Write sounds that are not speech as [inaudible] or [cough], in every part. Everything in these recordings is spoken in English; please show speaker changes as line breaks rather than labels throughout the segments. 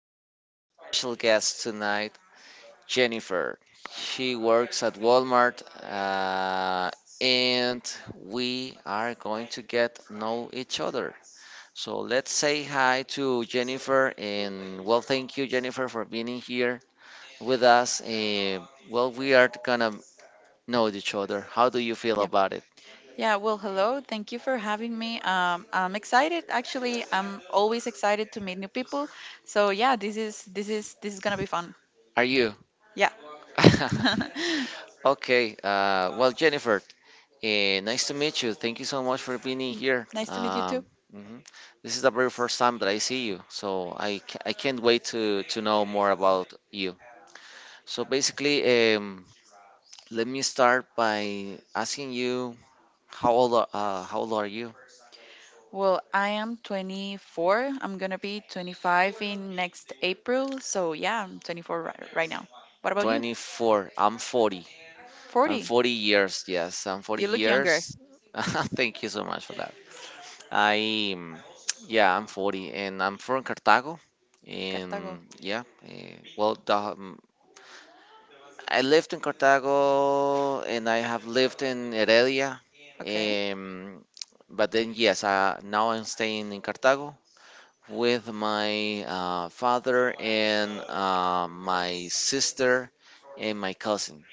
We have an special guest tonight, Jennifer. She works at Walmart, and we are going to get know each other. So let's say hi to Jennifer, and thank you, Jennifer, for being in here with us. We are gonna know each other. How do you feel
Yeah.
about it?
Yeah, well, hello. Thank you for having me. I'm excited. Actually, I'm always excited to meet new people. So yeah, this is gonna be fun.
Are you?
Yeah.
[laughs]
[laughs]
Okay, Jennifer, hey, nice to meet you. Thank you so much for being in here.
Nice to meet you too.
Mhm. This is the very first time that I see you, so I can't wait to know more about you. So basically, um, let me start by asking you how old are you?
Well, I am 24. I'm gonna be 25 in next April. So yeah, I'm 24 right now. What about you?
24. I'm 40. I'm
40.
40 years. Yes, I'm 40
You look younger.
years. [laughs] Thank you so much for that. I Yeah, I'm 40 and I'm from Cartago.
Cartago.
And yeah, eh, well, the, um, I lived in Cartago and I have lived in Heredia.
Okay.
Um, but yes, now I'm staying in Cartago with my father and my sister and my cousin.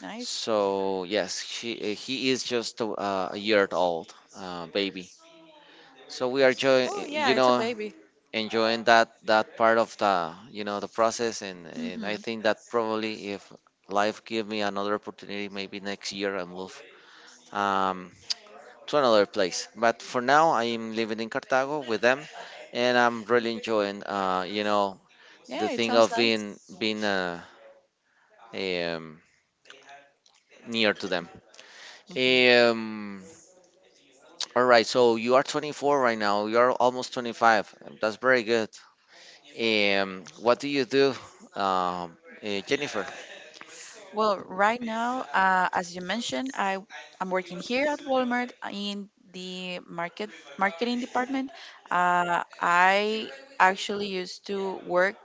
Nice.
So, yes, he is just a year old baby. So we are,
Oh yeah,
you
it's a
know,
baby.
enjoying that part of the, you know, the process, and I
Mm-hmm.
think that probably if life give me another opportunity, maybe next year I move um, to another place. But for now, I am living in Cartago with them, and I'm really enjoying, you know, the
Yeah, it
thing
sounds
of
nice.
being um, near to them.
Hmm.
um, [tsk] all right, so you are 24 right now. You are almost 25. That's very good. What do you do, um, Jennifer?
Well, right now, as you mentioned, I'm working here at Walmart in the marketing department. I actually used to work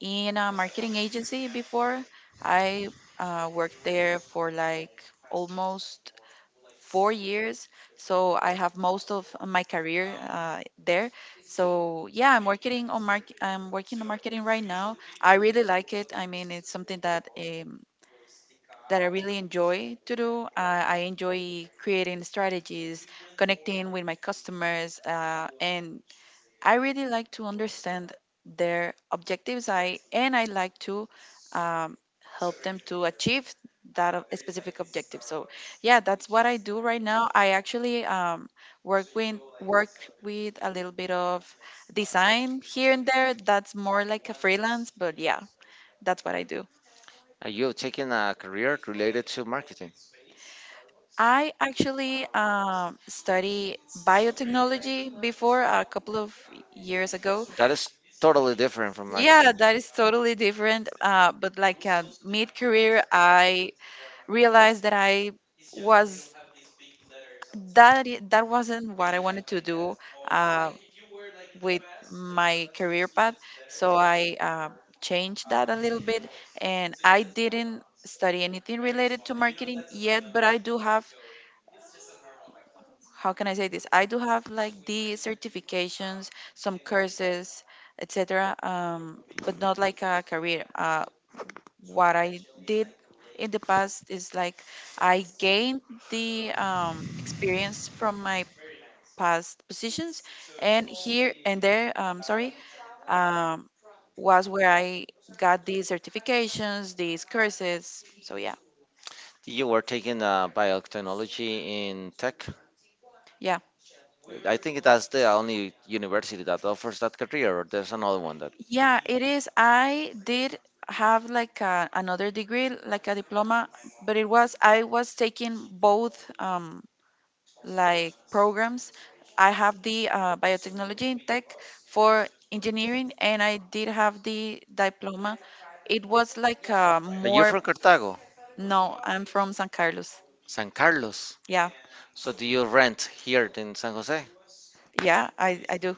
in a marketing agency before. I worked there for like almost 4 years. So I have most of my career there. So yeah, I'm working on marketing right now. I really like it. I mean, it's something that I really enjoy to do. I enjoy creating strategies, connecting with my customers, and I really like to understand their objectives. I and I like to um, help them to achieve that specific objective. So yeah, that's what I do right now. I actually, work with a little bit of design here and there. That's more like a freelance, but yeah, that's what I do.
You've taken a career related to marketing.
I actually study biotechnology before a couple of years ago.
That is totally different from
Yeah,
marketing.
that is totally different. But like mid-career, I realized that I was that I- that wasn't what I wanted to do uh, with my career path. So I changed that a little bit, and I didn't study anything related to marketing yet. But I do have, how can I say this? I do have like the certifications, some courses, etc. But not like a career. What I did in the past is like I gained the experience from my past positions, and here and there, sorry, um, was where I got these certifications, these courses. So yeah,
You were taking biotechnology in tech.
yeah,
I think that's the only university that offers that career, or there's another one that.
yeah, it is. I did have like another degree, like a diploma, but it was I was taking both. Like programs. I have the biotechnology in tech for engineering, and I did have the diploma. It was like
You're
more.
from Cartago,
No, I'm from San Carlos.
San Carlos.
Yeah,
So do you rent here in San Jose?
yeah, I do.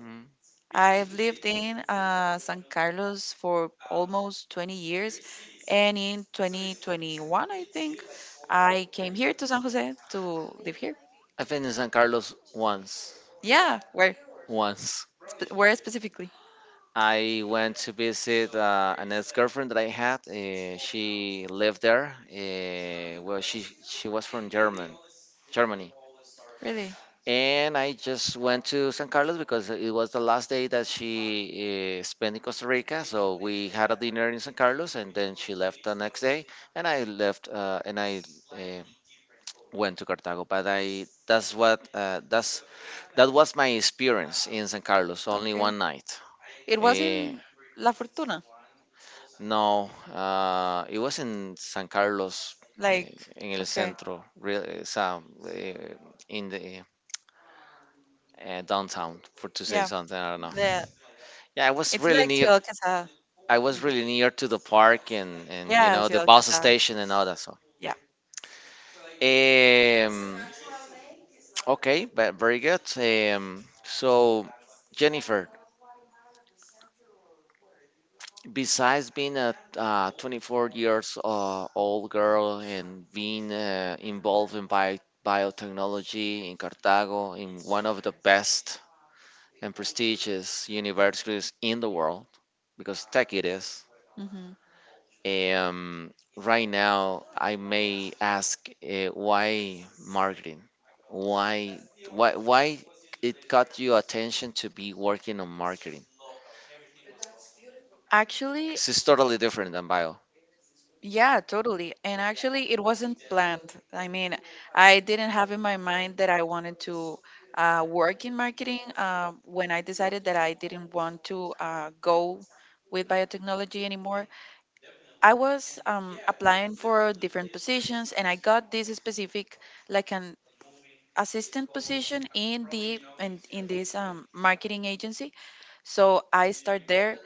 Mm.
I've lived in San Carlos for almost 20 years, and in 2021, I think, I came here to San Jose to live here.
I've been in San Carlos once.
Yeah,
Once.
where specifically?
I went to visit an ex-girlfriend that I had. She lived there. She was from German, Germany,
Really?
and I just went to San Carlos because it was the last day that she spent in Costa Rica. So we had a dinner in San Carlos, and then she left the next day, and I left and I uh, went to Cartago. But I that's what that's that was my experience in San Carlos. Only
Okay.
one night.
It was
Uh,
in La Fortuna.
no, It was in San Carlos, eh,
Like,
in el
okay.
centro, real, eh, in the downtown, for to say
Yeah.
something. I don't know.
The,
Yeah, I was
it's
really
like
near.
Ciudad Quesada.
I was really near to the park, and, you
Yeah,
know, the
Ciudad
bus
Quesada.
station and all that. So yeah.
Yeah.
Um, okay, but very good. So, Jennifer, besides being a 24 years old girl and being involved in biotechnology in Cartago, in one of the best and prestigious universities in the world, because tech it is.
hmm
Right now, I may ask, why marketing? Why, why it got you attention to be working on marketing?
Actually,
'Cause it's totally different than bio.
yeah, totally. And actually, it wasn't planned. I mean, I didn't have in my mind that I wanted to work in marketing when I decided that I didn't want to go with biotechnology anymore. I was applying for different positions, and I got this specific, like an assistant position in this marketing agency. So I start there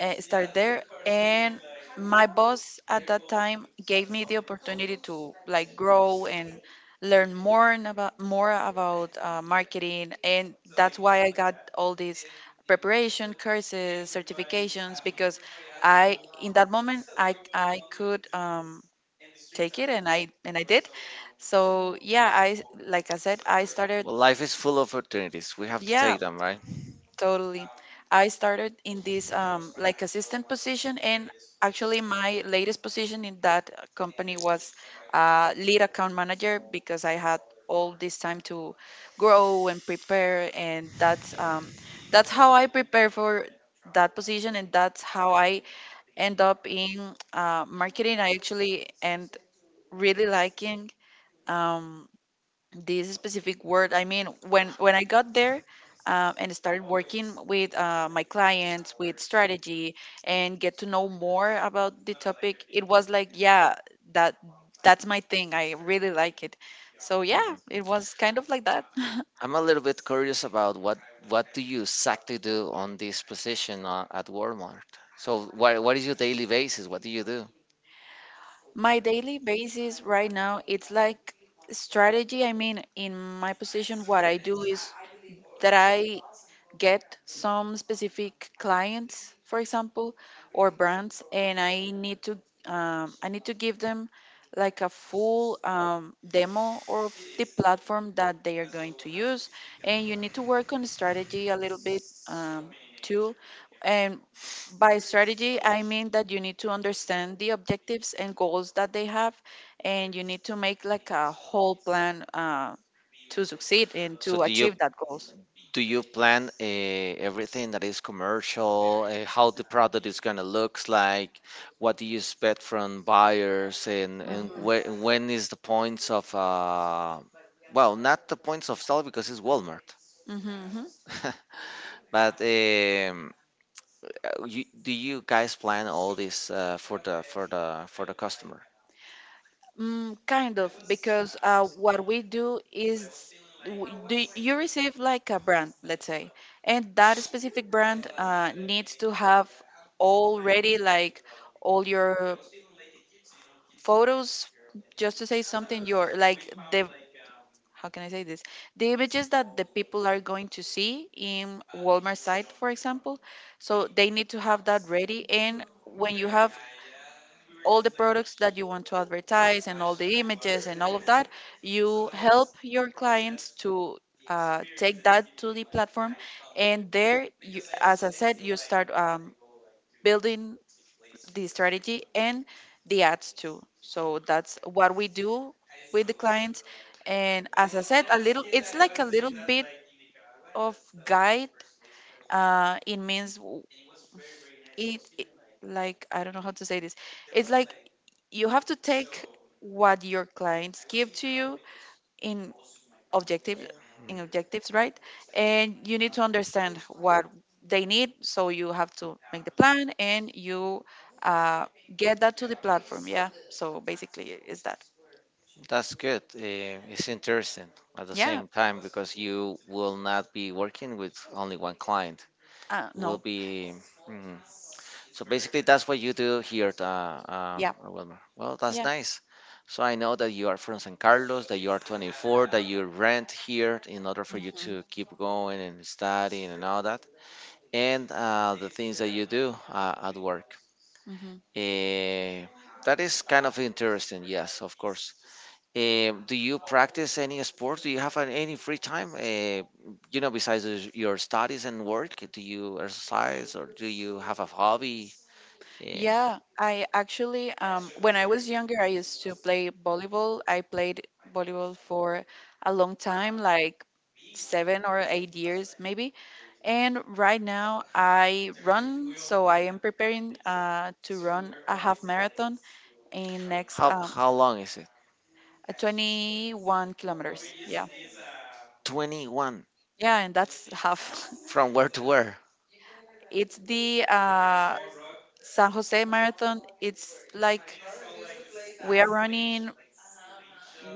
uh, start there, and my boss at that time gave me the opportunity to like grow and learn more about marketing. And that's why I got all these preparation courses, certifications, because I, in that moment, I could take it, and I did. So yeah, I, like I said, I started.
Well, life is full of opportunities. We have to
Yeah,
take them, right?
totally. I started in this like assistant position, and actually my latest position in that company was lead account manager, because I had all this time to grow and prepare, and that's how I prepare for that position, and that's how I end up in marketing. I actually end really liking. Um, this specific word. I mean, when I got there and started working with my clients with strategy and get to know more about the topic, it was like, yeah, that that's my thing. I really like it. So yeah,
Mhm.
it was kind of like that. [laughs]
I'm a little bit curious about what do you exactly do on this position at Walmart? So, what is your daily basis? What do you do?
My daily basis right now, it's like strategy. I mean, in my position, what I do is that I get some specific clients, for example, or brands, and I need to give them like a full demo of the platform that they are going to use, and you need to work on strategy a little bit too. And by strategy, I mean that you need to understand the objectives and goals that they have, and you need to make like a whole plan to succeed and
So,
to achieve that goals.
do you plan everything that is commercial? How the product is gonna looks like? What do you expect from buyers? And when is the points of not the points of sale because it's Walmart,
Mhm.
[laughs] but do you guys plan all this for the for the customer?
Mm, kind of, because what we do is do you receive like a brand, let's say, and that specific brand needs to have already like all your photos, just to say something, your like the how can I say this? The images that the people are going to see in Walmart site, for example. So they need to have that ready, and when you have all the products that you want to advertise and all the images and all of that, you help your clients to take that to the platform. And there, you, as I said, you start building the strategy and the ads too. So that's what we do with the clients. And as I said, it's like a little bit of guide. It means w- it, like, I don't know how to say this. It's like you have to take what your clients give to you in objective
Yeah. Mm,
objectives, right? And you need to understand what they need, so you have to make the plan and you uh, get that to the platform. Yeah, so basically is that.
that's good. It's interesting at the
Yeah.
same time because you will not be working with only one client. You will
No.
be. Mhm. So basically, that's what you do here at
Yeah,
Wilmer. Well, that's
yeah.
nice. So I know that you are from San Carlos, that you are 24, that you rent here in order for you to
Hmm.
keep going and studying and all that, and the things that you do at work.
Hmm.
Eh, that is kind of interesting. Yes, of course. Do you practice any sport? Do you have any free time? You know, besides your studies and work, do you exercise or do you have a hobby? Yeah.
Yeah, I actually, when I was younger, I used to play volleyball. I played volleyball for a long time, like 7 or 8 years maybe. And right now I run, so I am preparing to run a half marathon in next
How long is it?
21 kilometers. Yeah,
21.
yeah, and that's half. [laughs]
From where to where?
It's the San Jose Marathon. It's like we are running,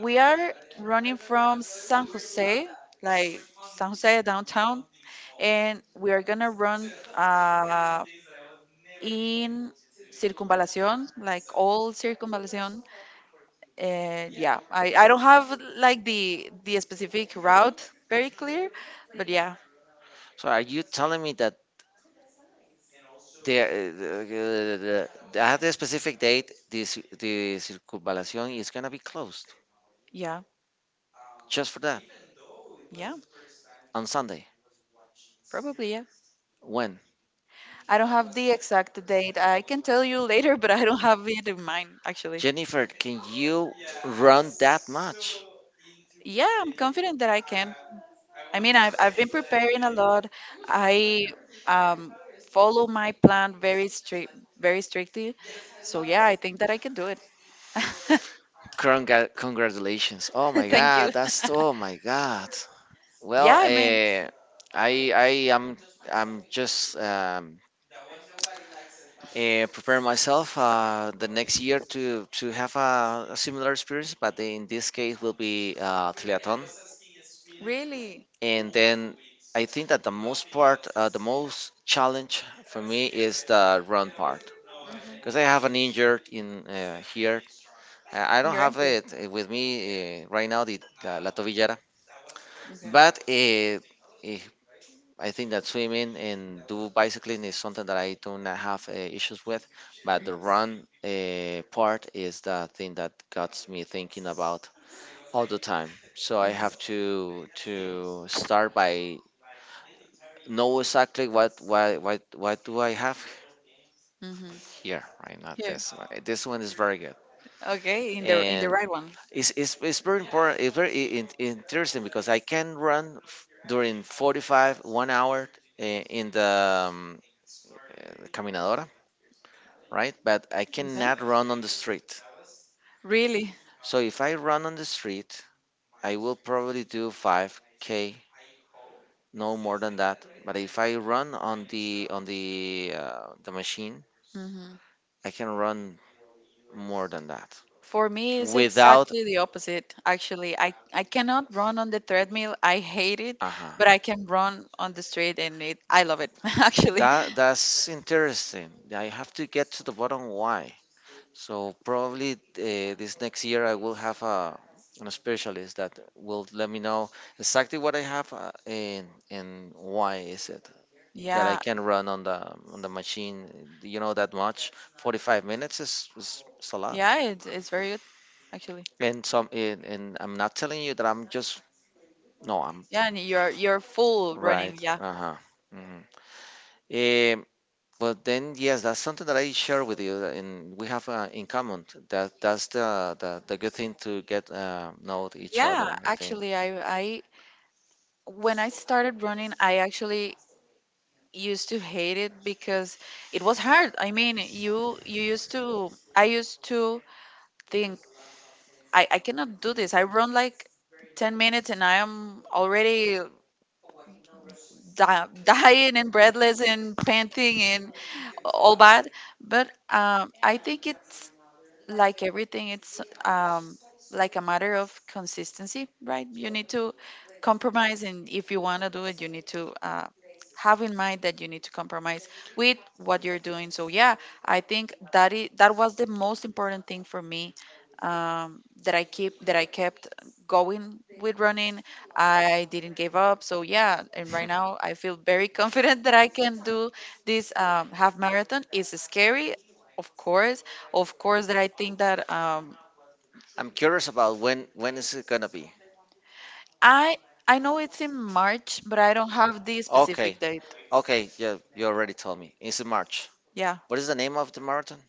we are running from San Jose, like San Jose downtown, and we are gonna run in Circunvalación, like all Circunvalación. And yeah, I don't have like the specific route very clear, but yeah,
So are you telling me that there uh, the, the, at a specific date, the circunvallation is gonna be closed?
yeah,
Just for that.
yeah,
On Sunday.
probably yeah.
When?
I don't have the exact date. I can tell you later, but I don't have it in mind actually.
Jennifer, can you run that much?
Yeah, I'm confident that I can. I mean, I've been preparing a lot. I um follow my plan very strict, very strictly. So yeah, I think that I can do it. [laughs]
Congratulations. Oh my
Thank you.
god, that's oh my god. Well,
Yeah, I mean,
I am, I'm just preparing myself the next year to have a similar experience, but in this case will be triathlon.
really.
And then I think that the most part, the most challenge for me is the run part, because I have an injured in here. I
Mhm.
don't
Your
have
ankle.
it with me right now, the la tobillera,
Okay.
but eh, I think that swimming and do bicycling is something that I do not have issues with, but the run part is the thing that got me thinking about all the time. So I have to start by know exactly what do I have
Mm-hmm.
here, right? Not
Yeah.
this one. This one is very good,
Okay, in the
and
right one.
it's very important. It's very interesting because I can run during 45 1 hour in the caminadora, right? But I
Okay.
cannot run on the street.
Really.
So if I run on the street, I will probably do 5K, no more than that. But if I run on the the machine,
Hmm.
I can run more than that.
For me, it's
Without,
exactly the opposite. Actually, I cannot run on the treadmill. I hate it,
uh huh.
but I can run on the street, and it I love it. [laughs] Actually,
That that's interesting. I have to get to the bottom why. So probably this next year I will have a, an specialist that will let me know exactly what I have, and why is it that I
yeah,
can run on the machine. You know that much. 45 minutes is, is a lot.
yeah, it's very good. Actually,
And I'm not telling you that I'm just no. I'm
yeah, and you're full running.
right.
Yeah,
Uh-huh. Hmm. Eh, but yes, that's something that I share with you, that- and we have in common. That that's the good thing to get know each
yeah.
other, I think.
Actually, I when I started running, I actually used to hate it because it was hard. I mean, you used to I used to think I cannot do this. I run like 10 minutes and I am already [laughs] dying and breathless and panting and all bad. But I think it's like everything, it's like a matter of consistency, right? You need to compromise, and if you want to do it, you need to have in mind that you need to compromise with what you're doing. So yeah, I think that is, that was the most important thing for me, that I kept going with running. I didn't give up. So yeah, and right now I
[laughs]
feel very [laughs] confident that I can do this half marathon. It's scary, of course, of course, that I think that.
I'm curious about when is it gonna be?
I I know it's in March, but I don't have the
Okay,
specific date.
okay, yeah, you already told me. It's in March.
Yeah,
What is the name of the marathon?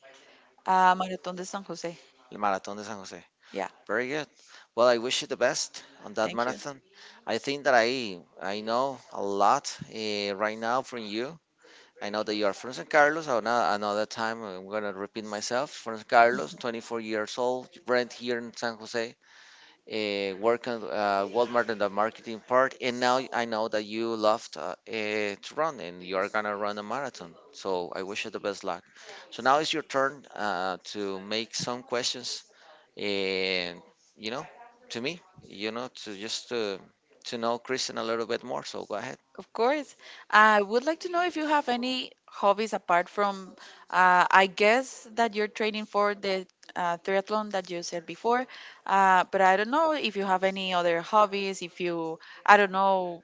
Marathon de San Jose.
The Maratón de San José.
Yeah,
Very good. Well, I wish you the best on that
thank you.
marathon. I think that I know a lot right now from you. I know that you are from San Carlos. I know another time I'm gonna repeat myself. From San Carlos,
Mm-hmm.
24 years old, rent here in San Jose, work at Walmart in the marketing part, and now I know that you love to, to run and you are gonna run a marathon. So I wish you the best luck. So now it's your turn to make some questions and, you know, to me you know, to just to know Kristen a little bit more. So go ahead.
Of course. I would like to know if you have any hobbies apart from, I guess that you're training for the triathlon that you said before, but I don't know if you have any other hobbies, if you, I don't know,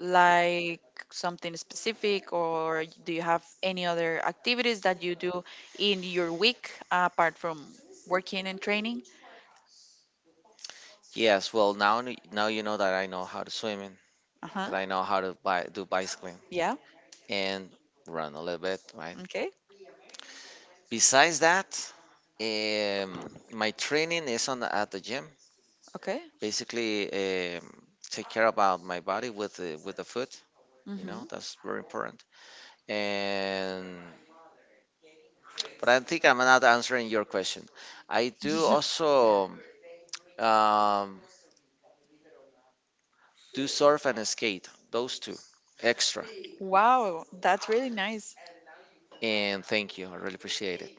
like something specific, or do you have any other activities that you do in your week apart from working and training?
Yes, well, now you know that I know how to swim and
Uh-huh.
that I know how to do bicycling
Yeah.
and run a little bit, right?
Okay.
Besides that, my training is on the, at the gym
Okay.
basically. um Take care about my body with the food, you
Mm-hmm.
know. That's very important. And but I think I'm not answering your question. I do
[laughs]
also, Um, do surf and skate, those two extra.
Wow, that's really nice.
And thank you, I really appreciate it.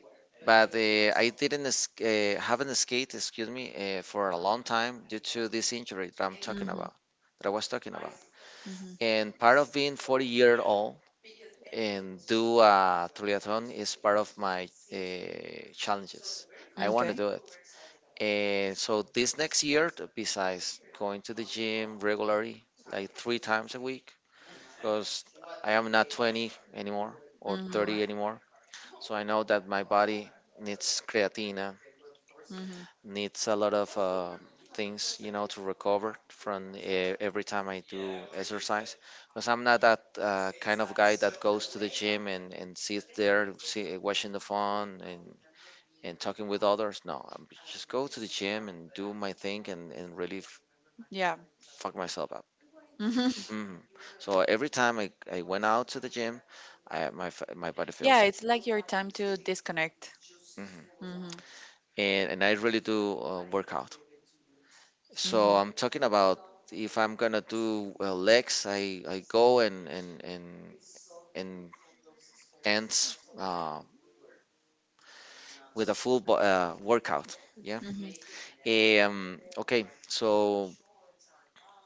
But I didn't sk- haven't skate, excuse me, for a long time due to this injury that
Mm-hmm.
I was talking about.
Mm-hmm.
And part of being 40-year-old and do a triathlon is part of my challenges. I want to
Okay.
do it. And so this next year, besides going to the gym regularly, like 3 times a week, because I am not 20 anymore or
Mm-hmm.
30 anymore. So I know that my body needs creatina,
Mm-hmm.
needs a lot of things, you know, to recover from, every time I do exercise. Because I'm not that kind of guy that goes to the gym and, sits there see, watching the phone and, talking with others. No, I just go to the gym and do my thing and really
Yeah.
fuck myself up.
[laughs]
Mhm. So every time I went out to the gym, my body
Yeah,
feels it.
it's like your time to disconnect.
Mhm.
Mm-hmm.
And I really do work out. So
Mm-hmm.
I'm talking about, if I'm gonna do legs, I go and ends with a full workout. Yeah.
Mm-hmm.
Okay. So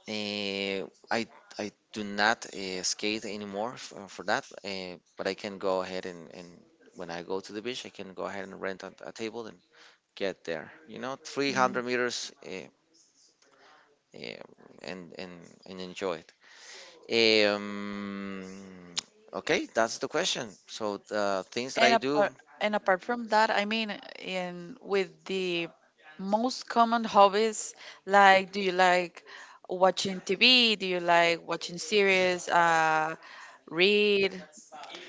Eh, I I do not skate anymore for that, but I can go ahead and when I go to the beach, I can go ahead and rent a table and get there.
Mm-hmm.
300 meters uh, and and and enjoy it. [tsk] Okay, that's the question. So the things that
And
I do,
apart, and apart from that, I mean, in with the most common hobbies, like, do you like watching TV? Do you like watching series? Read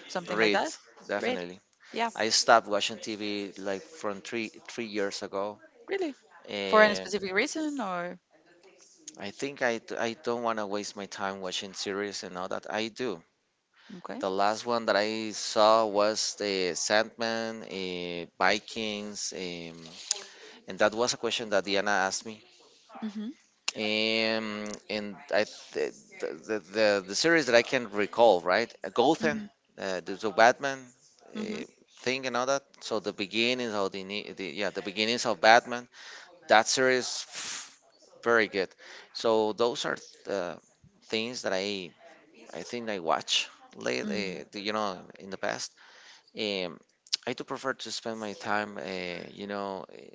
something like
read,
that? Read?
definitely.
Yeah,
I stopped watching TV like from three years ago.
really. For any
eh,
specific reason or
I think I don't want to waste my time watching series and all that. I do.
okay?
The last one that I saw was the Sandman, Vikings, and that was a question that Diana asked me.
Mhm.
And the series that I can recall, right? Gotham,
Mhm.
the Batman
Mhm.
uh, thing and all that. So the beginnings of the, ini- the yeah, the beginnings of Batman. That series, very good. So those are the things that I think I watch late,
Mhm.
uh, the- you know, in the past. Um, I do prefer to spend my time,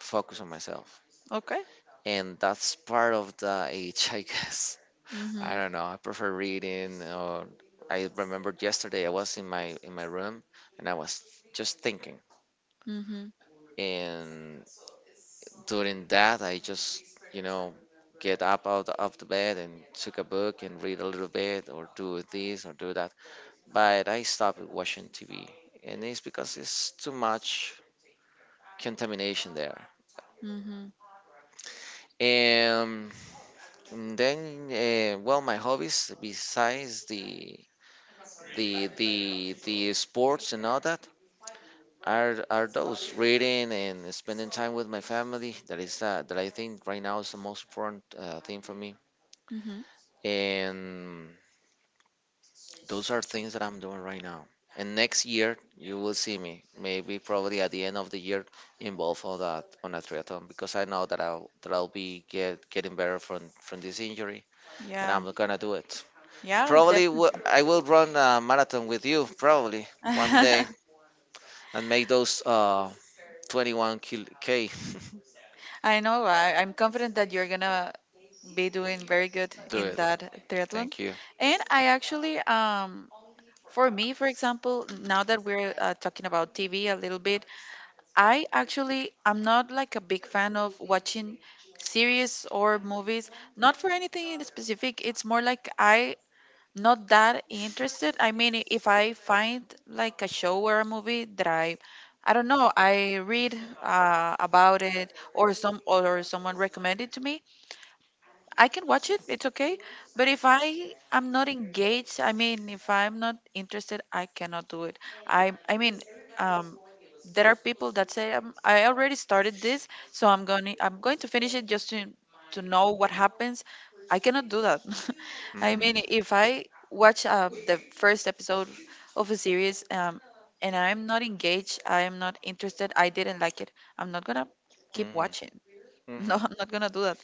focus on myself,
Okay.
and that's part of the age, I guess. [laughs] I
Mhm.
don't know. I prefer reading. Or I remembered, yesterday I was in my room and I was just thinking,
Mhm.
and during that, I just, you know, get up out of the bed and took a book and read a little bit, or do this or do that. But I stopped watching TV, and it's because it's too much contamination there.
Mhm.
And then, well, my hobbies, besides the sports and all that, are those, reading and spending time with my family. That is, that I think right now is the most important thing for me.
Mhm.
And those are things that I'm doing right now. And next year, you will see me, maybe probably at the end of the year, involved on that, on a triathlon, because I know that I'll be getting better from this injury, and
Yeah.
I'm gonna do it.
Yeah,
Probably
definitely.
I will run a marathon with you probably one day,
[laughs]
and make those 21 k.
I know. I'm confident that you're gonna be doing very good
[laughs] Do
in
it.
that triathlon.
Thank you.
And I actually, for me, for example, now that we're talking about TV a little bit, I actually am not like a big fan of watching series or movies, not for anything in specific. It's more like I not that interested. I mean, if I find like a show or a movie that I don't know. I read about it, or someone recommended to me. I can watch it, it's okay. But if I am not engaged, I mean, if I'm not interested, I cannot do it. I mean, um, there are people that say I already started this, so I'm going to finish it just to know what happens. I cannot do that. [laughs] I
Hmm.
mean, if I watch the first episode of a series and I'm not engaged, I am not interested, I didn't like it, I'm not gonna keep
Hmm.
watching. [laughs] No,
Hmm.
I'm not gonna do that.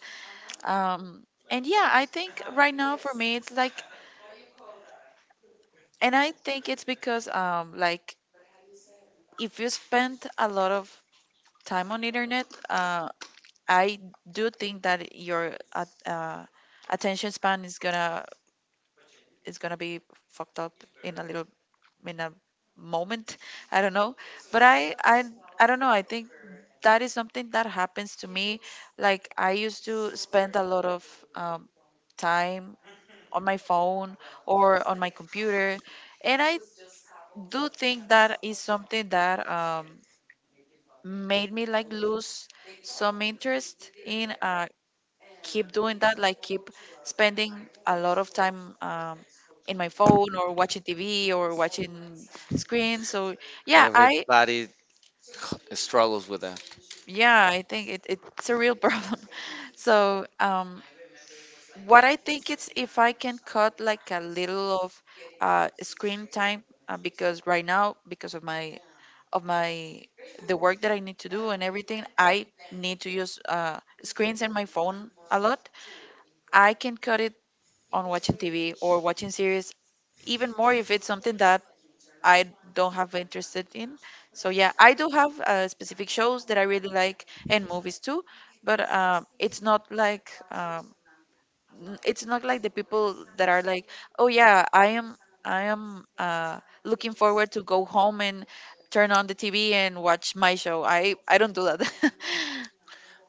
Um, and yeah, I think right now for me it's like, and I think it's because like if you spend a lot of time on internet, I do think that your attention span is gonna be fucked up in a little in a moment. I don't know, but I don't know. I think that is something that happens to me. Like I used to spend a lot of um, time on my phone or on my computer. And I do think that is something that made me like lose some interest in keep doing that, like keep spending a lot of time in my phone or watching TV or watching screens. So yeah, I
Everybody struggles with that.
yeah, I think it's a real problem. [laughs] So what I think it's if I can cut like a little of screen time because right now because of my the work that I need to do and everything I need to use screens and my phone a lot. I can cut it on watching TV or watching series even more if it's something that I don't have interested in. So yeah, I do have specific shows that I really like and movies too, but it's not like it's not like the people that are like, oh yeah, I am looking forward to go home and turn on the TV and watch my show. I don't do that. [laughs]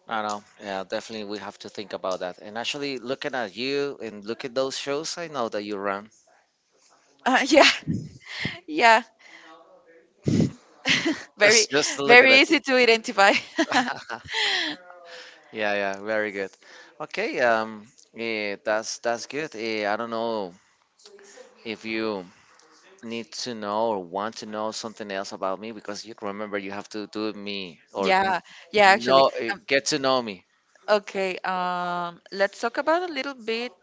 I know. Yeah, definitely we have to think about that. And actually, looking at you and look at those shows, I know that you run.
Yeah, yeah, [laughs]
[laughs]
very
Just looking
very
at you.
easy to identify.
[laughs]
[laughs]
Yeah, yeah, very good. Okay, that's good. I don't know if you need to know or want to know something else about me, because you remember, you have to do me, or
Yeah, yeah, actually.
no,
Um,
get to know me.
okay, let's talk about a little bit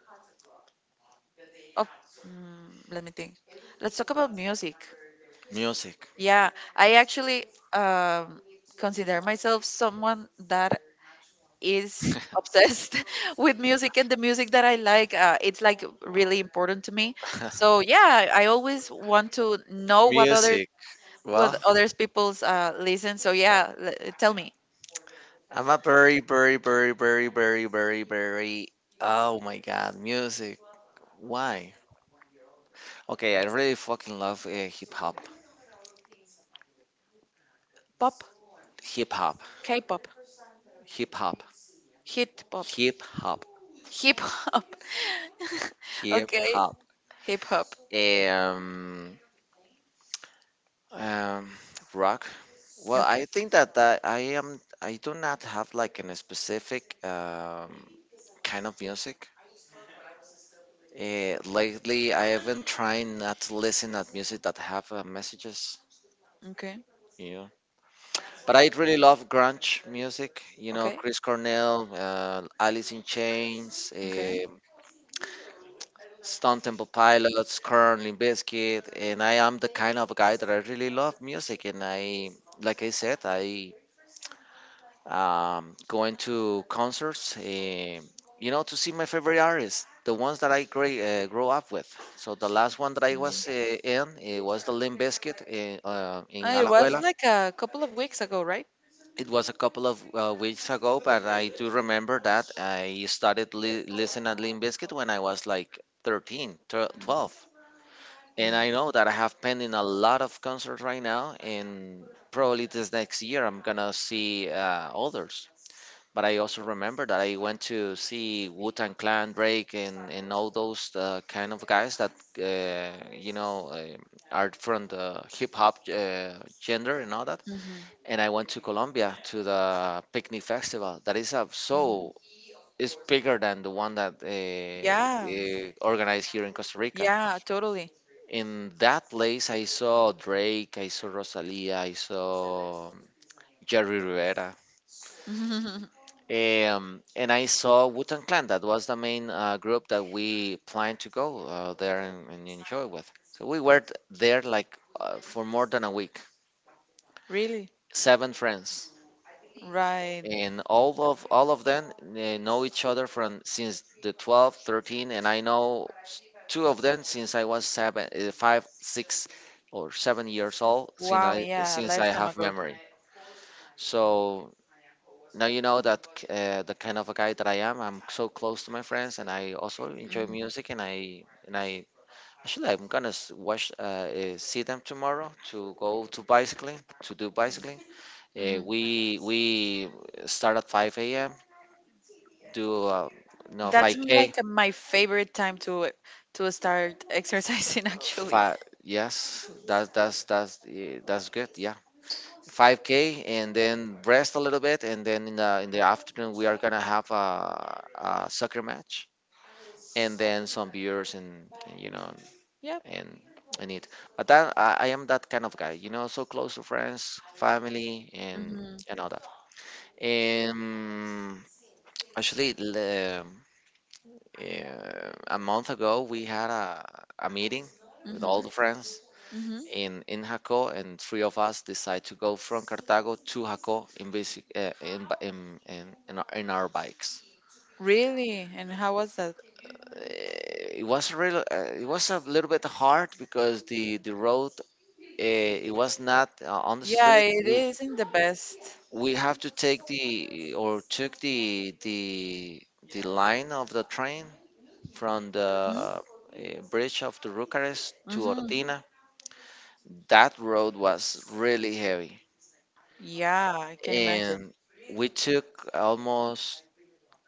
of. Mm, let me think. Let's talk about music.
Music.
Yeah, I actually um, consider myself someone that is
[laughs]
obsessed [laughs] with music and the music that I like. It's like really important to me. So yeah, I always want to know
Music. Well,
what others people's listen. So yeah, tell me,
I'm a very, very, very, very, very, very, very... Oh my God, music. Why? Okay, I really fucking love hip hop.
pop,
Hip hop.
K-pop,
Hip hop.
hip hop,
Hip hop.
hip hop. [laughs]
Hip
Okay,
hop.
hip hop.
Um, um, Rock. Well, I
Okay,
think that, that I am. I do not have like an specific kind of music. Lately, I have been trying not to listen at music that have messages.
okay,
You know. But I really love grunge music. You know,
okay,
Chris Cornell, Alice in Chains,
okay.
Stone Temple Pilots, Korn, Limp Bizkit, and I am the kind of guy that I really love music. And like I said, I going to concerts, um to see my favorite artists, the ones that I grew up with. So the last one that I
Mm.
was in, it was the Limp Bizkit in
It was
Alajuela.
like a couple of weeks ago, right?
It was a couple of weeks ago, but I do remember that I started listening at Limp Bizkit when I was like 13, 12. And I
Mm.
know that I have pending a lot of concerts right now, and probably this next year I'm gonna see others. But I also remember that I went to see Wu-Tang Clan, Drake, and all those kind of guys that, uh, you know, uh, are from the hip-hop gender and all that,
Hmm.
and I went to Colombia to the picnic festival. That is a,
Hmm.
so it's bigger than the one that
Yeah,
organized here in Costa Rica.
yeah, totally.
In that place, I saw Drake, I saw Rosalia, I saw Jerry Rivera.
[laughs]
And I saw Wu-Tang Clan. That was the main group that we planned to go there and enjoy with. So we were there like for more than a week.
Really.
Seven friends,
Right.
and all of them know each other from since the 12, 13, and I know two of them since I was 7, 5, 6 or 7 years old, since
Wow,
I
yeah, a lifetime
have
ago.
memory. So now you know that, the kind of a guy that I am, I'm so close to my friends, and I also enjoy
Mhm,
music, and I actually I'm gonna see them tomorrow to go to bicycling to do bicycling.
mhm.
We start at 5 a.m., do no, 5K,
Like my favorite time to start exercising [laughs] actually.
five. Yes, that's good. Yeah, 5K, and then rest a little bit, and then in the afternoon we are gonna have a soccer match, and then some beers, and, you know,
Yep.
and and it. But that I am that kind of guy, you know, so close to friends, family, and
Hmm.
and all that. And actually, eh, a month ago we had a meeting with all the
Hmm.
friends
Hmm.
in Jaco, and three of us decide to go from Cartago to Jaco in basic in, bi- in our bikes.
Really? And how was that?
Eh, It was a real. It was a little bit hard because the road, it was not on the
Yeah,
street.
it
We
isn't the best.
we have to take the or took the line of the train, from the
Hmm.
bridge of the Rucares to
Hmm.
Ortina. That road was really heavy,
Yeah, I can imagine.
and we took almost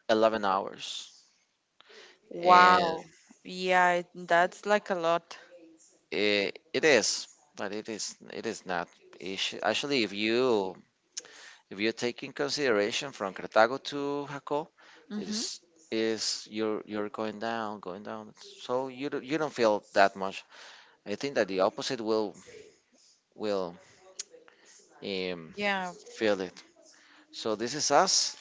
11 hours. And
Wow. Yeah, that's like a lot.
it is, but it is, it is not ish- actually, if you take in consideration from Cartago to Jaco, it
Hmm.
is you're, going down, going down, so you don't feel that much. I think that the opposite will, will um,
Yeah.
feel it. So this is us,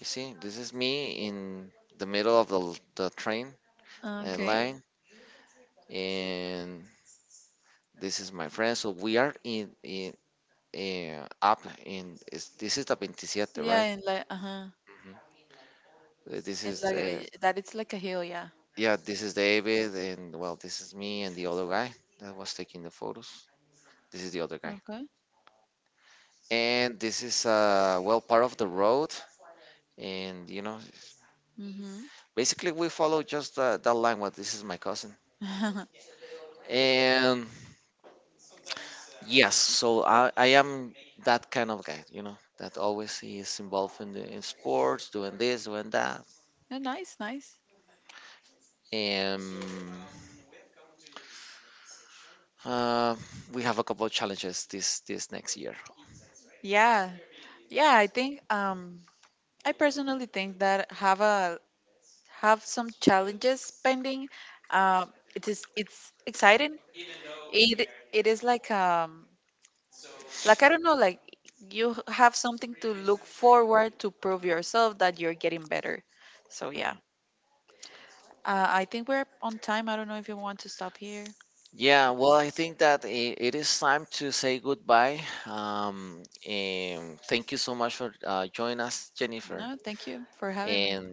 you see, this is me in the middle of the train. Yeah.
Okay.
Line. And this is my friend. So we are in up, this is the Vinci,
Yeah,
right?
and like uh-huh.
Mhm. This
And
is,
like that it's like a hill, yeah.
yeah, this is David. And, well, this is me, and the other guy that was taking the photos. This is the other guy,
Okay.
and this is well, part of the road, and you know
Mm-hmm.
basically we follow just that line. What, this is my cousin.
[laughs]
And yes, so I am that kind of guy, you know, that always is involved in sports, doing this, doing that.
No, nice, nice.
Um, uh, we have a couple of challenges this next year.
Yeah, yeah. I think I personally think that have some challenges pending. It's exciting. It is like I don't know like you have something to look forward to prove yourself that you're getting better. So yeah,
Mhm.
I think we're on time. I don't know if you want to stop here.
Yeah, well, I think that it is time to say goodbye. And thank you so much for joining us, Jennifer.
No, thank you for having me.
And,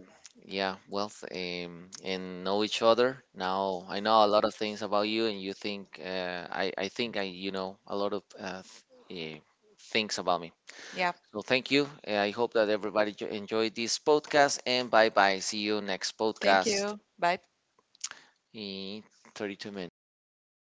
yeah, well, and know each other. Now I know a lot of things about you, and you think I think I, you know, a lot of th- eh, things about me.
Yeah,
So thank you. I hope that everybody enjoyed this podcast, and bye bye. See you next
thank
podcast
you. Bye.
in 32 minutes.